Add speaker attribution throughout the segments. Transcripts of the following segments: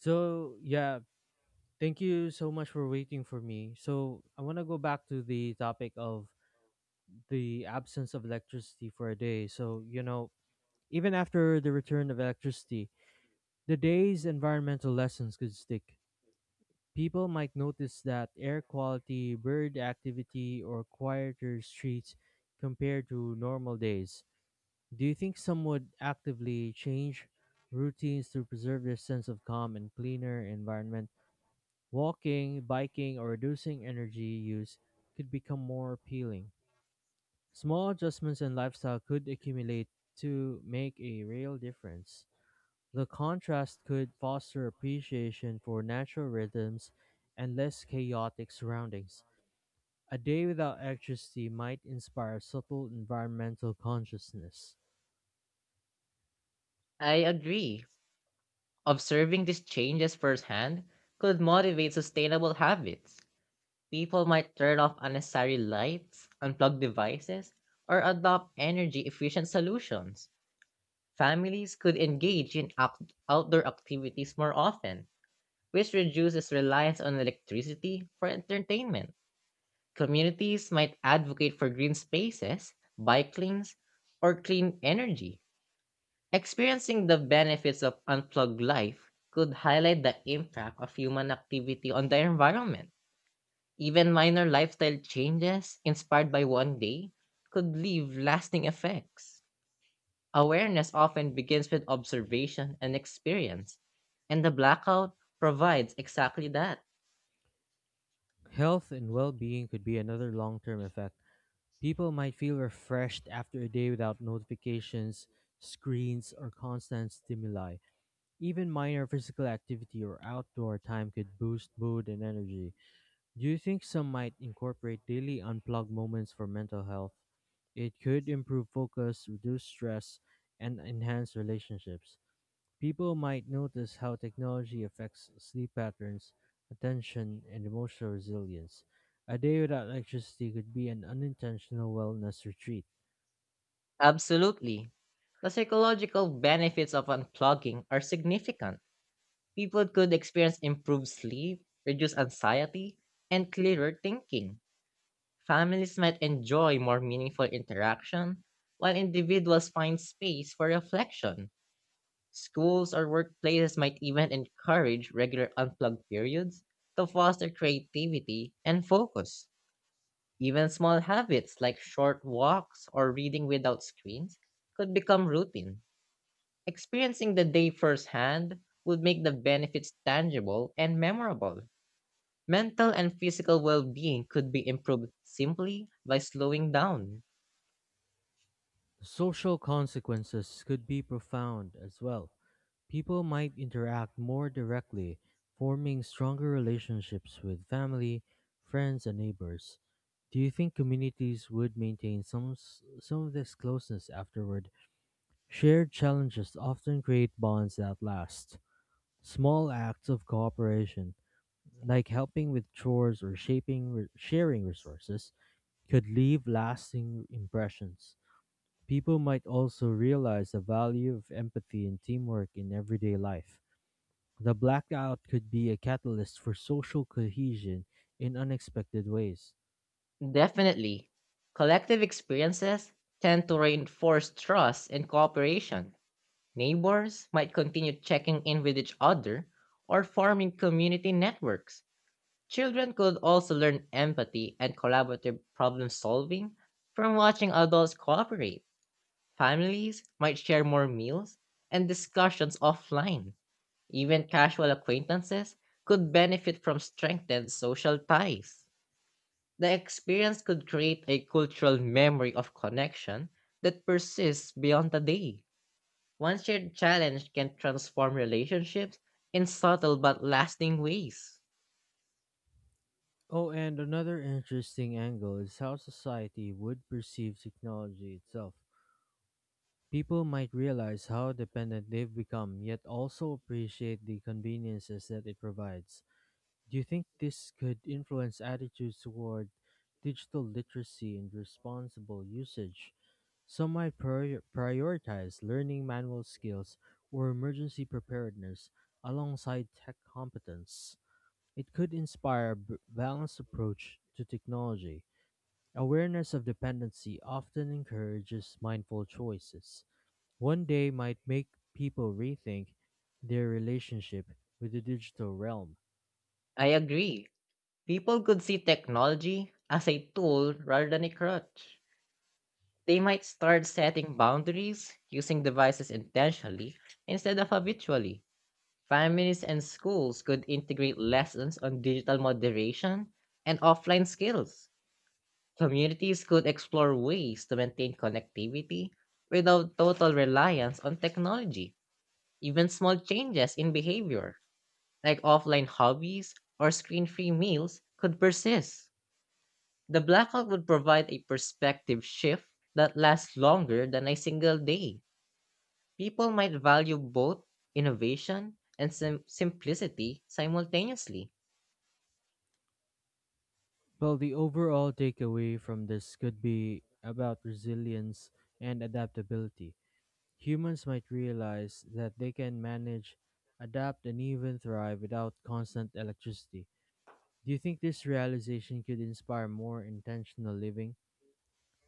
Speaker 1: So yeah, thank you so much for waiting for me. So I want to go back to the topic of the absence of electricity for a day. So even after the return of electricity, the day's environmental lessons could stick. People might notice that air quality, bird activity, or quieter streets compared to normal days. Do you think some would actively change routines to preserve their sense of calm and cleaner environment? Walking, biking, or reducing energy use could become more appealing. Small adjustments in lifestyle could accumulate to make a real difference. The contrast could foster appreciation for natural rhythms and less chaotic surroundings. A day without electricity might inspire subtle environmental consciousness.
Speaker 2: I agree. Observing these changes firsthand could motivate sustainable habits. People might turn off unnecessary lights, unplug devices, or adopt energy efficient solutions. Families could engage in outdoor activities more often, which reduces reliance on electricity for entertainment. Communities might advocate for green spaces, bike lanes, or clean energy. Experiencing the benefits of unplugged life could highlight the impact of human activity on the environment. Even minor lifestyle changes inspired by one day could leave lasting effects. Awareness often begins with observation and experience, and the blackout provides exactly that.
Speaker 1: Health and well being could be another long term effect. People might feel refreshed after a day without notifications, screens, or constant stimuli. Even minor physical activity or outdoor time could boost mood and energy. Do you think some might incorporate daily unplugged moments for mental health? It could improve focus, reduce stress, and enhance relationships. People might notice how technology affects sleep patterns, attention, and emotional resilience. A day without electricity could be an unintentional wellness retreat.
Speaker 2: Absolutely. The psychological benefits of unplugging are significant. People could experience improved sleep, reduced anxiety, and clearer thinking. Families might enjoy more meaningful interaction, while individuals find space for reflection. Schools or workplaces might even encourage regular unplugged periods to foster creativity and focus. Even small habits like short walks or reading without screens could become routine. Experiencing the day firsthand would make the benefits tangible and memorable. Mental and physical well being could be improved simply by slowing down.
Speaker 1: Social consequences could be profound as well. People might interact more directly, forming stronger relationships with family, friends, and neighbors. Do you think communities would maintain some of this closeness afterward? Shared challenges often create bonds that last. Small acts of cooperation, like helping with chores or sharing resources, could leave lasting impressions. People might also realize the value of empathy and teamwork in everyday life. The blackout could be a catalyst for social cohesion in unexpected ways.
Speaker 2: Definitely. Collective experiences tend to reinforce trust and cooperation. Neighbors might continue checking in with each other or forming community networks. Children could also learn empathy and collaborative problem solving from watching adults cooperate. Families might share more meals and discussions offline. Even casual acquaintances could benefit from strengthened social ties. The experience could create a cultural memory of connection that persists beyond the day. One shared challenge can transform relationships in subtle but lasting ways.
Speaker 1: Oh, and another interesting angle is how society would perceive technology itself. People might realize how dependent they've become, yet also appreciate the conveniences that it provides. Do you think this could influence attitudes toward digital literacy and responsible usage? Some might prioritize learning manual skills or emergency preparedness alongside tech competence. It could inspire a balanced approach to technology. Awareness of dependency often encourages mindful choices one day might make people rethink their relationship with the digital realm.
Speaker 2: I agree. People could see technology as a tool rather than a crutch. They might start setting boundaries, using devices intentionally instead of habitually. Families and schools could integrate lessons on digital moderation and offline skills. Communities could explore ways to maintain connectivity without total reliance on technology. Even small changes in behavior, like offline hobbies or screen free meals, could persist. The blackout would provide a perspective shift that lasts longer than a single day. People might value both innovation and simplicity simultaneously.
Speaker 1: Well, the overall takeaway from this could be about resilience and adaptability. Humans might realize that they can manage, adapt, and even thrive without constant electricity. Do you think this realization could inspire more intentional living?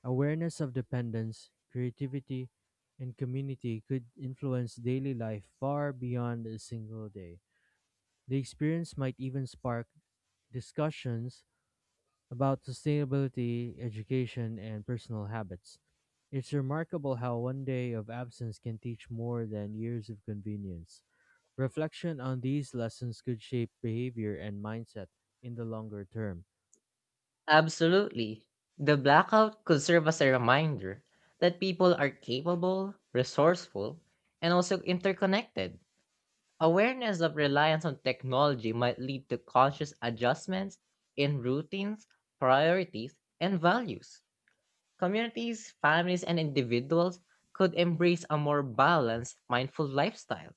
Speaker 1: Awareness of dependence, creativity, and community could influence daily life far beyond a single day. The experience might even spark discussions about sustainability, education, and personal habits. It's remarkable how one day of absence can teach more than years of convenience. Reflection on these lessons could shape behavior and mindset in the longer term.
Speaker 2: Absolutely. The blackout could serve as a reminder that people are capable, resourceful, and also interconnected. Awareness of reliance on technology might lead to conscious adjustments in routines, priorities, and values. Communities, families, and individuals could embrace a more balanced, mindful lifestyle.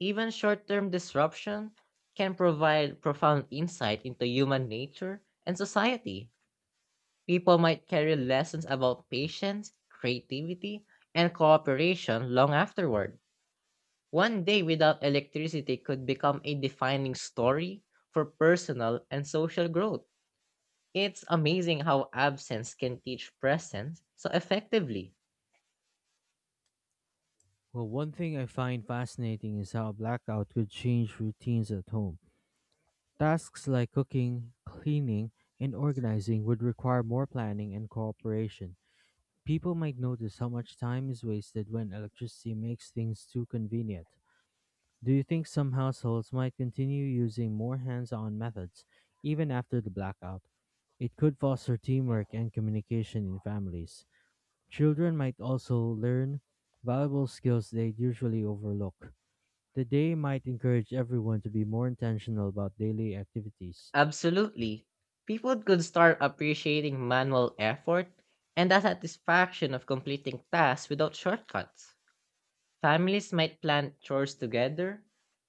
Speaker 2: Even short term disruption can provide profound insight into human nature and society. People might carry lessons about patience, creativity, and cooperation long afterward. One day without electricity could become a defining story for personal and social growth. It's amazing how absence can teach presence so effectively.
Speaker 1: Well, one thing I find fascinating is how blackout could change routines at home. Tasks like cooking, cleaning, and organizing would require more planning and cooperation. People might notice how much time is wasted when electricity makes things too convenient. Do you think some households might continue using more hands on methods even after the blackout? It could foster teamwork and communication in families. Children might also learn valuable skills they'd usually overlook. The day might encourage everyone to be more intentional about daily activities.
Speaker 2: Absolutely. People could start appreciating manual effort and the satisfaction of completing tasks without shortcuts. Families might plan chores together,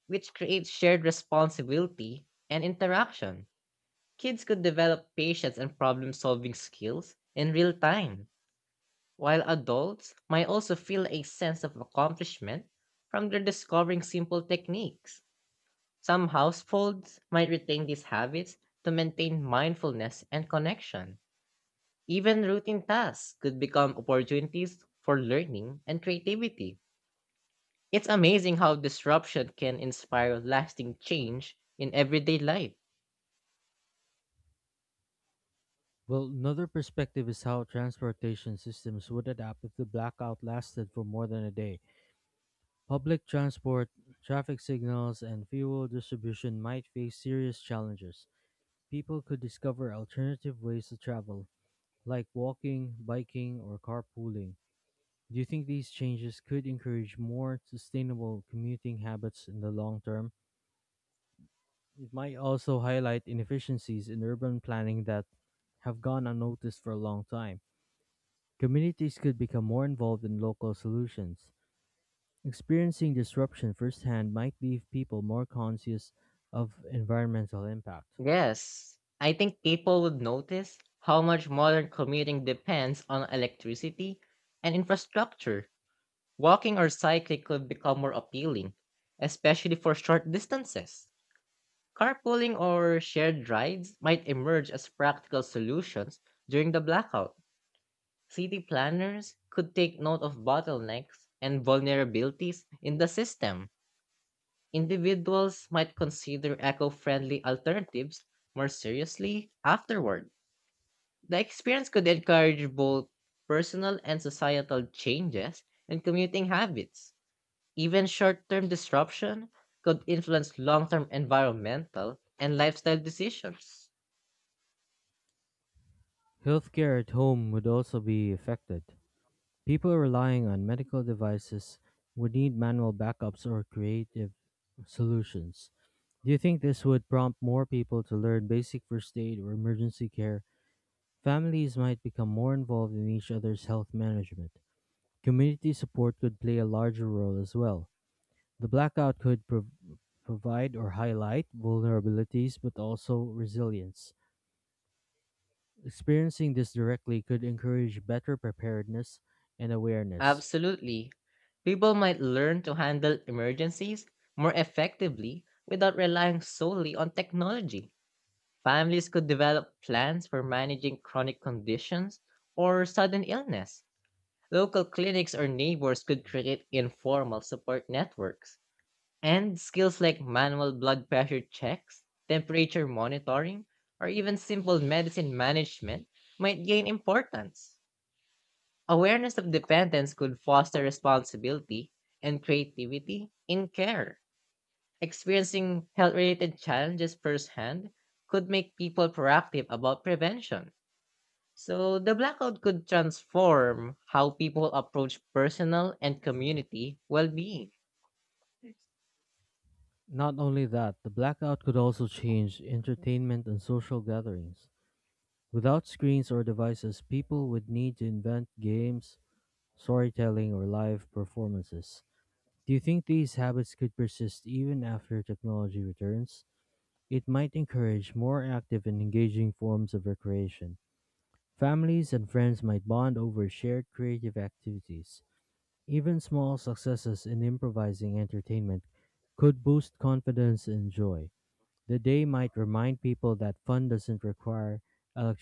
Speaker 2: which creates shared responsibility and interaction. Kids could develop patience and problem solving skills in real time, while adults might also feel a sense of accomplishment from their discovering simple techniques. Some households might retain these habits to maintain mindfulness and connection. Even routine tasks could become opportunities for learning and creativity. It's amazing how disruption can inspire lasting change in everyday life.
Speaker 1: Well, another perspective is how transportation systems would adapt if the blackout lasted for more than a day. Public transport, traffic signals, and fuel distribution might face serious challenges. People could discover alternative ways to travel, like walking, biking, or carpooling. Do you think these changes could encourage more sustainable commuting habits in the long term? It might also highlight inefficiencies in urban planning that have gone unnoticed for a long time. Communities could become more involved in local solutions. Experiencing disruption firsthand might leave people more conscious of environmental impact.
Speaker 2: Yes, I think people would notice how much modern commuting depends on electricity and infrastructure. Walking or cycling could become more appealing, especially for short distances. Carpooling or shared rides might emerge as practical solutions during the blackout. City planners could take note of bottlenecks and vulnerabilities in the system. Individuals might consider eco friendly alternatives more seriously afterward. The experience could encourage both personal and societal changes in commuting habits. Even short term disruption could influence long term environmental and lifestyle decisions.
Speaker 1: Healthcare at home would also be affected. People relying on medical devices would need manual backups or creative solutions. Do you think this would prompt more people to learn basic first aid or emergency care? Families might become more involved in each other's health management. Community support could play a larger role as well. The blackout could provide or highlight vulnerabilities but also resilience. Experiencing this directly could encourage better preparedness and awareness.
Speaker 2: Absolutely. People might learn to handle emergencies more effectively without relying solely on technology. Families could develop plans for managing chronic conditions or sudden illness. Local clinics or neighbors could create informal support networks. And skills like manual blood pressure checks, temperature monitoring, or even simple medicine management might gain importance. Awareness of dependence could foster responsibility and creativity in care. Experiencing health related challenges firsthand could make people proactive about prevention. So the blackout could transform how people approach personal and community well being.
Speaker 1: Not only that, the blackout could also change entertainment and social gatherings. Without screens or devices, people would need to invent games, storytelling, or live performances. Do you think these habits could persist even after technology returns? It might encourage more active and engaging forms of recreation. Families and friends might bond over shared creative activities. Even small successes in improvising entertainment could boost confidence and joy. The day might remind people that fun doesn't require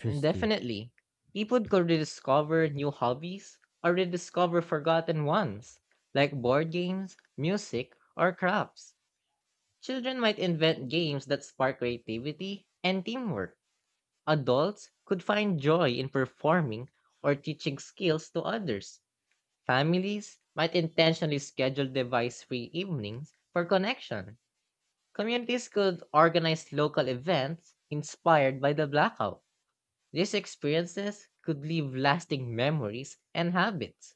Speaker 2: And definitely, people could rediscover new hobbies or rediscover forgotten ones, like board games, music, or crafts. Children might invent games that spark creativity and teamwork. Adults could find joy in performing or teaching skills to others. Families might intentionally schedule device free evenings for connection. Communities could organize local events inspired by the blackout. These experiences could leave lasting memories and habits.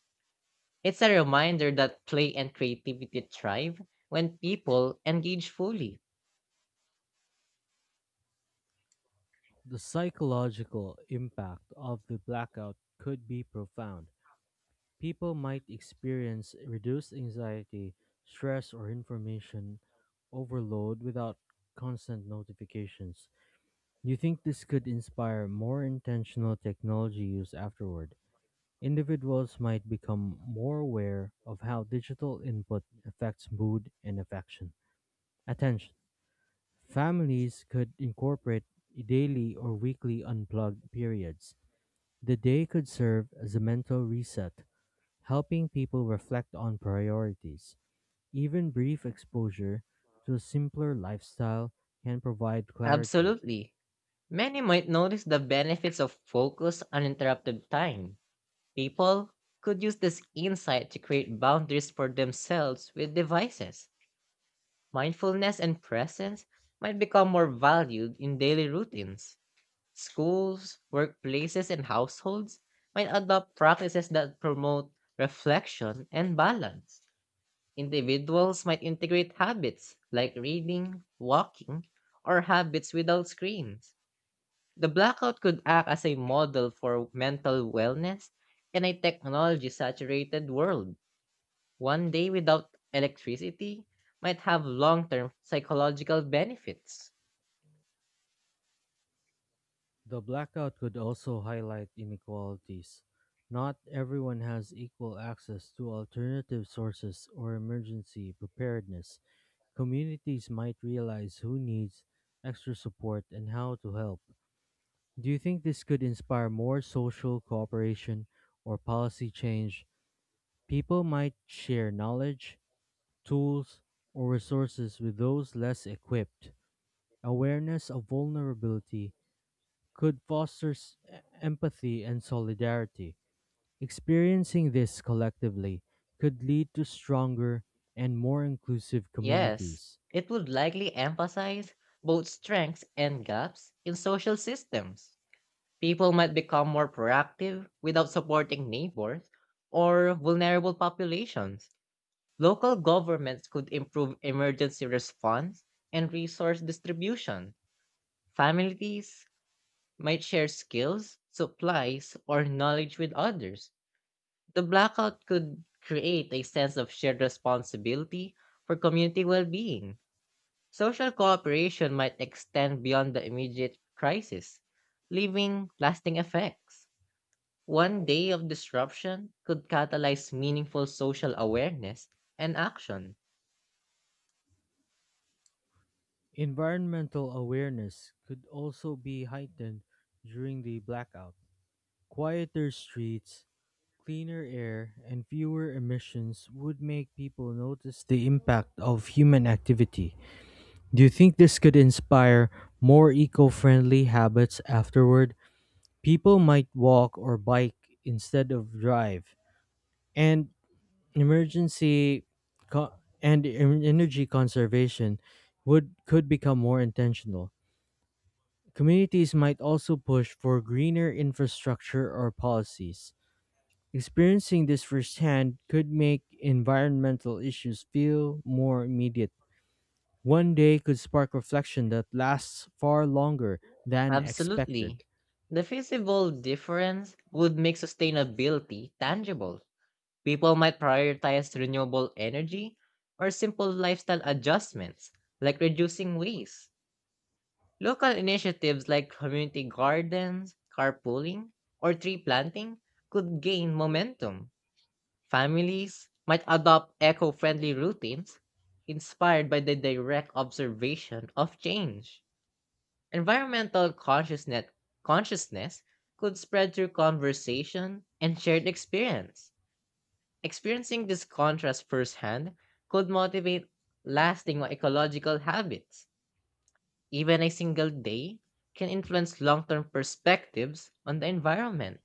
Speaker 2: It's a reminder that play and creativity thrive when people engage fully.
Speaker 1: The psychological impact of the blackout could be profound. People might experience reduced anxiety, stress, or information overload without constant notifications. You think this could inspire more intentional technology use afterward? Individuals might become more aware of how digital input affects mood and affection. Attention. Families could incorporate daily or weekly unplugged periods. The day could serve as a mental reset, helping people reflect on priorities. Even brief exposure to a simpler lifestyle can provide clarity.
Speaker 2: Absolutely. Many might notice the benefits of focus uninterrupted time. People could use this insight to create boundaries for themselves with devices. Mindfulness and presence might become more valued in daily routines. Schools, workplaces, and households might adopt practices that promote reflection and balance. Individuals might integrate habits like reading, walking, or habits without screens. The blackout could act as a model for mental wellness in a technology saturated world. One day without electricity might have long term psychological benefits.
Speaker 1: The blackout could also highlight inequalities. Not everyone has equal access to alternative sources or emergency preparedness. Communities might realize who needs extra support and how to help. Do you think this could inspire more social cooperation or policy change? People might share knowledge, tools, or resources with those less equipped. Awareness of vulnerability could foster empathy and solidarity. Experiencing this collectively could lead to stronger and more inclusive
Speaker 2: Yes,
Speaker 1: communities.
Speaker 2: it would likely emphasize both strengths and gaps in social systems. People might become more proactive without supporting neighbors or vulnerable populations. Local governments could improve emergency response and resource distribution. Families might share skills, supplies, or knowledge with others. The blackout could create a sense of shared responsibility for community well being. Social cooperation might extend beyond the immediate crisis, leaving lasting effects. One day of disruption could catalyze meaningful social awareness and action.
Speaker 1: Environmental awareness could also be heightened during the blackout. Quieter streets, cleaner air, and fewer emissions would make people notice the impact of human activity. Do you think this could inspire more eco friendly habits afterward? People might walk or bike instead of drive, and emergency co- and en- energy conservation would could become more intentional. Communities might also push for greener infrastructure or policies. Experiencing this firsthand could make environmental issues feel more immediate. One day could spark reflection that lasts far longer than expected.
Speaker 2: Absolutely. The visible difference would make sustainability tangible. People might prioritize renewable energy or simple lifestyle adjustments like reducing waste. Local initiatives like community gardens, carpooling, or tree planting could gain momentum. Families might adopt eco friendly routines inspired by the direct observation of change. Environmental consciousness could spread through conversation and shared experience. Experiencing this contrast firsthand could motivate lasting ecological habits. Even a single day can influence long term perspectives on the environment.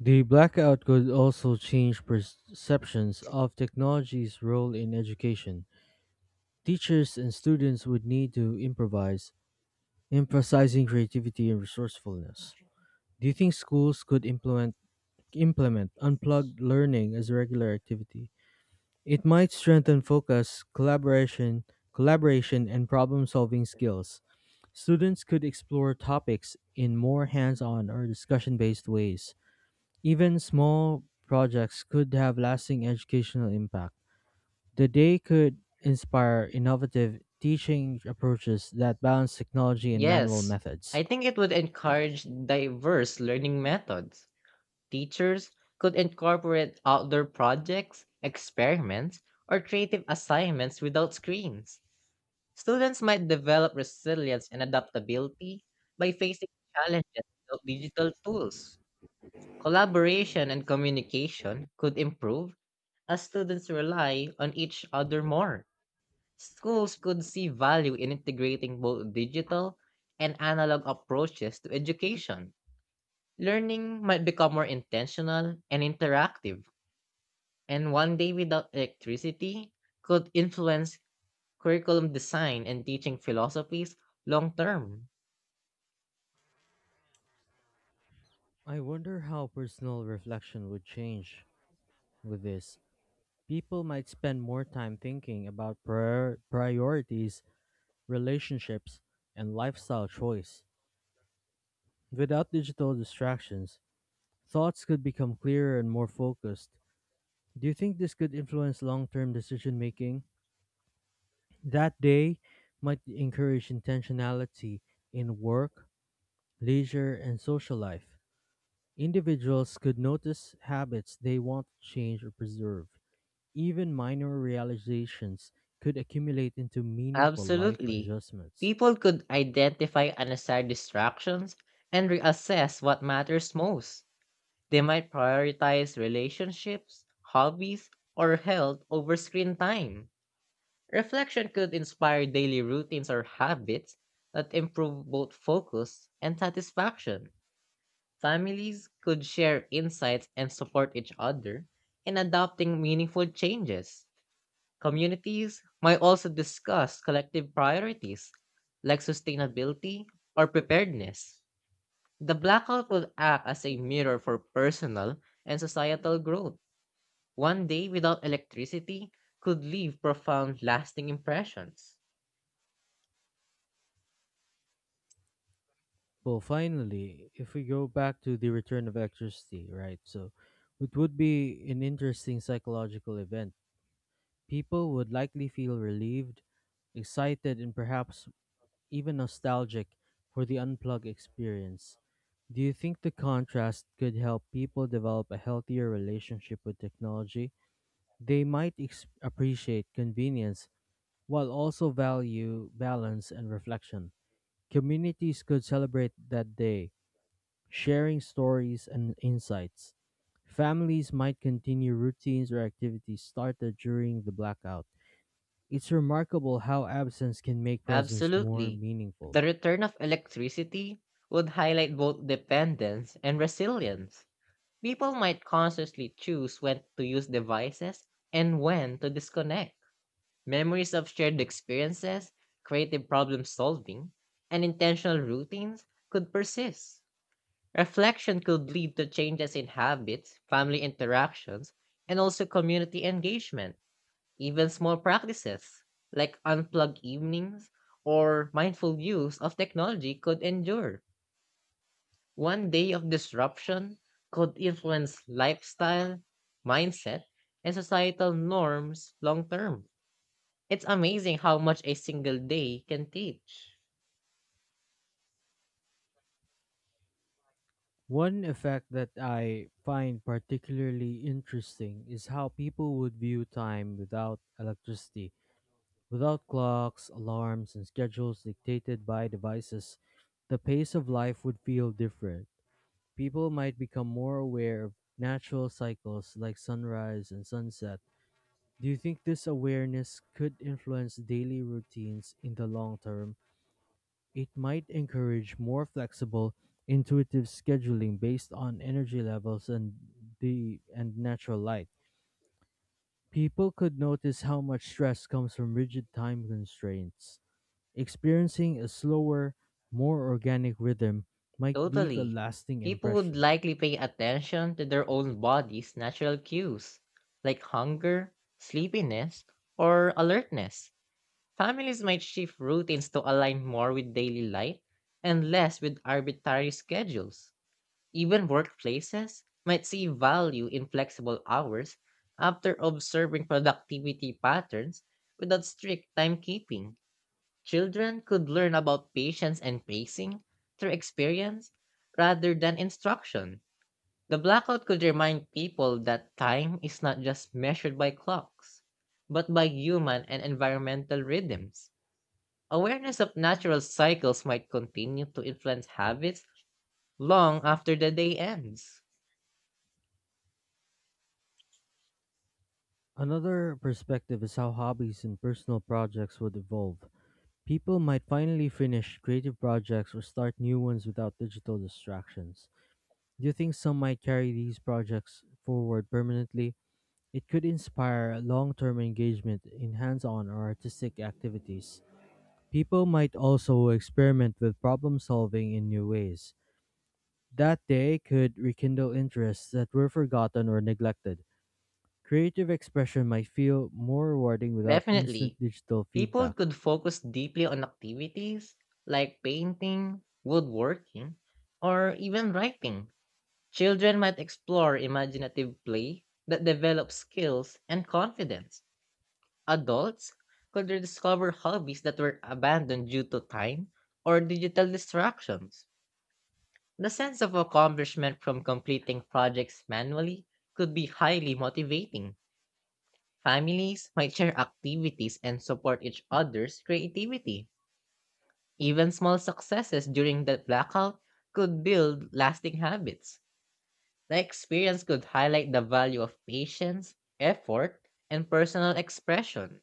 Speaker 1: The blackout could also change perceptions of technology's role in education. Teachers and students would need to improvise, emphasizing creativity and resourcefulness. Do you think schools could implement unplugged learning as a regular activity? It might strengthen focus, collaboration and problem-solving skills. Students could explore topics in more hands-on or discussion-based ways. Even small projects could have lasting educational impact. The day could inspire innovative teaching approaches that balance technology and manual
Speaker 2: Yes, I
Speaker 1: methods.
Speaker 2: think it would encourage diverse learning methods. Teachers could incorporate outdoor projects, experiments, or creative assignments without screens. Students might develop resilience and adaptability by facing challenges without digital tools. Collaboration and communication could improve as students rely on each other more. Schools could see value in integrating both digital and analog approaches to education. Learning might become more intentional and interactive, and one day without electricity could influence curriculum design and teaching philosophies long term.
Speaker 1: I wonder how personal reflection would change with this. People might spend more time thinking about priorities, relationships, and lifestyle choice. Without digital distractions, thoughts could become clearer and more focused. Do you think this could influence long term decision making? That day might encourage intentionality in work, leisure, and social life. Individuals could notice habits they want to change or preserve. Even minor realizations could accumulate into meaningful life
Speaker 2: Absolutely.
Speaker 1: adjustments.
Speaker 2: People could identify unnecessary distractions and reassess what matters most. They might prioritize relationships, hobbies, or health over screen time. Reflection could inspire daily routines or habits that improve both focus and satisfaction. Families could share insights and support each other in adopting meaningful changes. Communities might also discuss collective priorities like sustainability or preparedness. The blackout will act as a mirror for personal and societal growth. One day without electricity could leave profound lasting impressions.
Speaker 1: Well, finally, if we go back to the return of electricity, right? So it would be an interesting psychological event. People would likely feel relieved, excited, and perhaps even nostalgic for the unplugged experience. Do you think the contrast could help people develop a healthier relationship with technology? They might appreciate convenience while also value balance and reflection. Communities could celebrate that day, sharing stories and insights. Families might continue routines or activities started during the blackout. It's remarkable how absence can make presence more
Speaker 2: Absolutely.
Speaker 1: meaningful.
Speaker 2: The return of electricity would highlight both dependence and resilience. People might consciously choose when to use devices and when to disconnect. Memories of shared experiences, creative problem solving, and intentional routines could persist. Reflection could lead to changes in habits, family interactions, and also community engagement. Even small practices like unplugged evenings or mindful use of technology could endure. One day of disruption could influence lifestyle, mindset, and societal norms long term. It's amazing how much a single day can teach.
Speaker 1: One effect that I find particularly interesting is how people would view time without electricity, without clocks, alarms, and schedules dictated by devices. The pace of life would feel different. People might become more aware of natural cycles like sunrise and sunset. Do you think this awareness could influence daily routines in the long term? It might encourage more flexible, intuitive scheduling based on energy levels and the and natural light. People could notice how much stress comes from rigid time constraints. Experiencing a slower, more organic rhythm might leave a
Speaker 2: Totally.
Speaker 1: lasting
Speaker 2: People would
Speaker 1: impression.
Speaker 2: likely pay attention to their own body's natural cues, like hunger, sleepiness, or alertness. Families might shift routines to align more with daily life and less with arbitrary schedules. Even workplaces might see value in flexible hours after observing productivity patterns without strict timekeeping. Children could learn about patience and pacing through experience rather than instruction. The blackout could remind people that time is not just measured by clocks, but by human and environmental rhythms. Awareness of natural cycles might continue to influence habits long after the day ends.
Speaker 1: Another perspective is how hobbies and personal projects would evolve. People might finally finish creative projects or start new ones without digital distractions. Do you think some might carry these projects forward permanently? It could inspire long term engagement in hands on or artistic activities. People might also experiment with problem solving in new ways. That day could rekindle interests that were forgotten or neglected. Creative expression might feel more rewarding without instant
Speaker 2: Definitely,
Speaker 1: digital
Speaker 2: people
Speaker 1: feedback,
Speaker 2: could focus deeply on activities like painting, woodworking, or even writing. Children might explore imaginative play that develops skills and confidence. Adults could rediscover hobbies that were abandoned due to time or digital distractions. The sense of accomplishment from completing projects manually could be highly motivating. Families might share activities and support each other's creativity. Even small successes during the blackout could build lasting habits. The experience could highlight the value of patience, effort, and personal expression.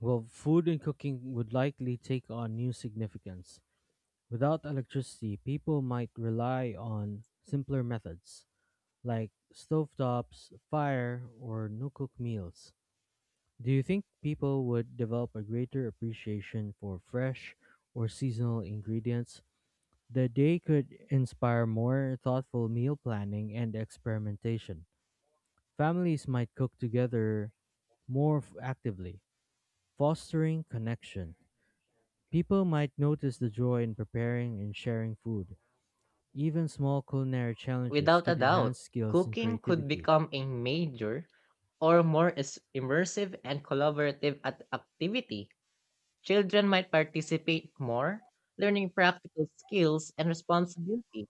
Speaker 1: while food and cooking would likely take on new significance. Without electricity, people might rely on simpler methods, like stovetops, fire, or no cook meals. Do you think people would develop a greater appreciation for fresh or seasonal ingredients? The day could inspire more thoughtful meal planning and experimentation. Families might cook together actively, fostering connection. People might notice the joy in preparing and sharing food. Even small culinary challenges
Speaker 2: Without a
Speaker 1: could
Speaker 2: doubt,
Speaker 1: enhance skills and
Speaker 2: cooking could
Speaker 1: creativity.
Speaker 2: become a major or more immersive and collaborative activity. Children might participate more, learning practical skills and responsibility.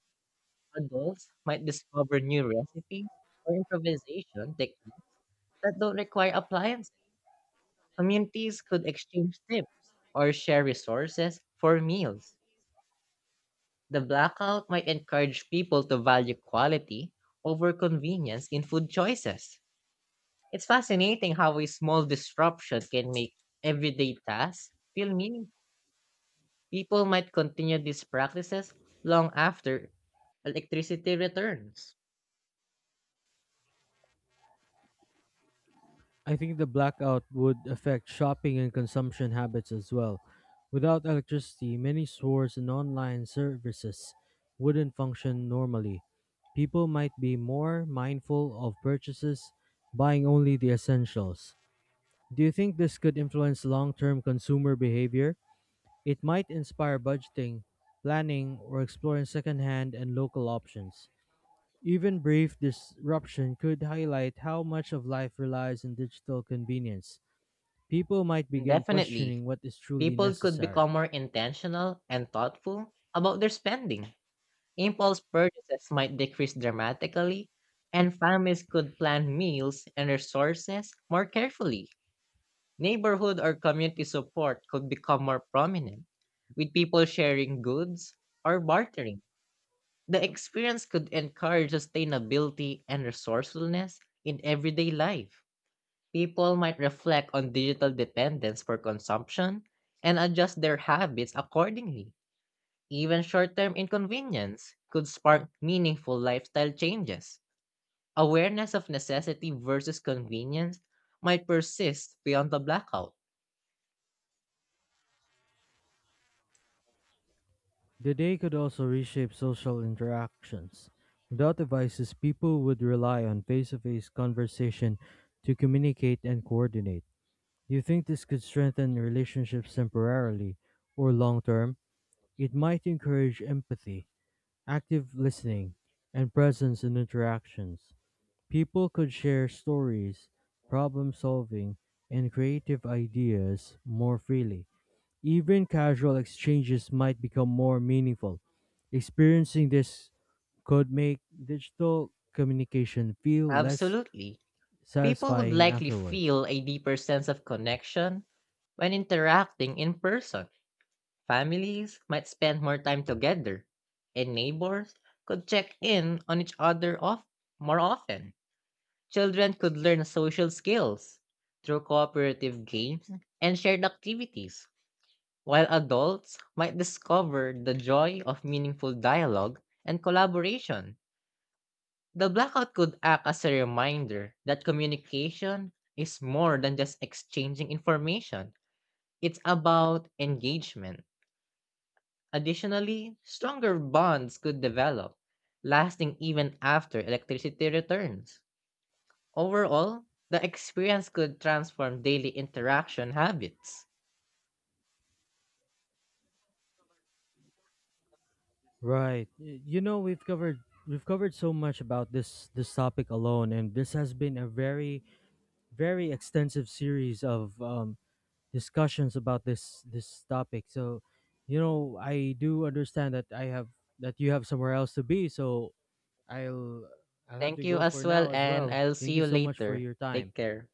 Speaker 2: Adults might discover new recipes or improvisation techniques that don't require appliances. Communities could exchange tips or share resources for meals. The blackout might encourage people to value quality over convenience in food choices. It's fascinating how a small disruption can make everyday tasks feel meaningful. People might continue these practices long after electricity returns.
Speaker 1: I think the blackout would affect shopping and consumption habits as well. Without electricity, many stores and online services wouldn't function normally. People might be more mindful of purchases, buying only the essentials. Do you think this could influence long term consumer behavior? It might inspire budgeting, planning, or exploring secondhand and local options. Even brief disruption could highlight how much of life relies on digital convenience. People might
Speaker 2: And
Speaker 1: begin
Speaker 2: definitely,
Speaker 1: questioning what is truly
Speaker 2: people could
Speaker 1: necessary.
Speaker 2: become more intentional and thoughtful about their spending. Impulse purchases might decrease dramatically, and families could plan meals and resources more carefully. Neighborhood or community support could become more prominent, with people sharing goods or bartering. The experience could encourage sustainability and resourcefulness in everyday life. People might reflect on digital dependence for consumption and adjust their habits accordingly. Even short term inconvenience could spark meaningful lifestyle changes. Awareness of necessity versus convenience might persist beyond the blackout.
Speaker 1: The day could also reshape social interactions. Without devices, people would rely on face to face conversation to communicate and coordinate. Do you think this could strengthen relationships temporarily or long term? It might encourage empathy, active listening, and presence in interactions. People could share stories, problem solving, and creative ideas more freely. Even casual exchanges might become more meaningful. Experiencing this could make digital communication feel less
Speaker 2: Absolutely. People would
Speaker 1: satisfying
Speaker 2: likely
Speaker 1: afterward.
Speaker 2: feel a deeper sense of connection when interacting in person. Families might spend more time together, and neighbors could check in on each other off more often. Children could learn social skills through cooperative games and shared activities, while adults might discover the joy of meaningful dialogue and collaboration. The blackout could act as a reminder that communication is more than just exchanging information. It's about engagement. Additionally, stronger bonds could develop, lasting even after electricity returns. Overall, the experience could transform daily interaction habits.
Speaker 1: Right. You know, we've covered so much about this topic alone, and this has been a very very extensive series of discussions about this topic. So, you know, I do understand that I have that you have somewhere else to be. So I'll I'll have
Speaker 2: Thank
Speaker 1: to
Speaker 2: you
Speaker 1: go for
Speaker 2: as well,
Speaker 1: now as
Speaker 2: and
Speaker 1: well.
Speaker 2: I'll see
Speaker 1: Thank you
Speaker 2: you
Speaker 1: so much for
Speaker 2: later.
Speaker 1: your time.
Speaker 2: Take care.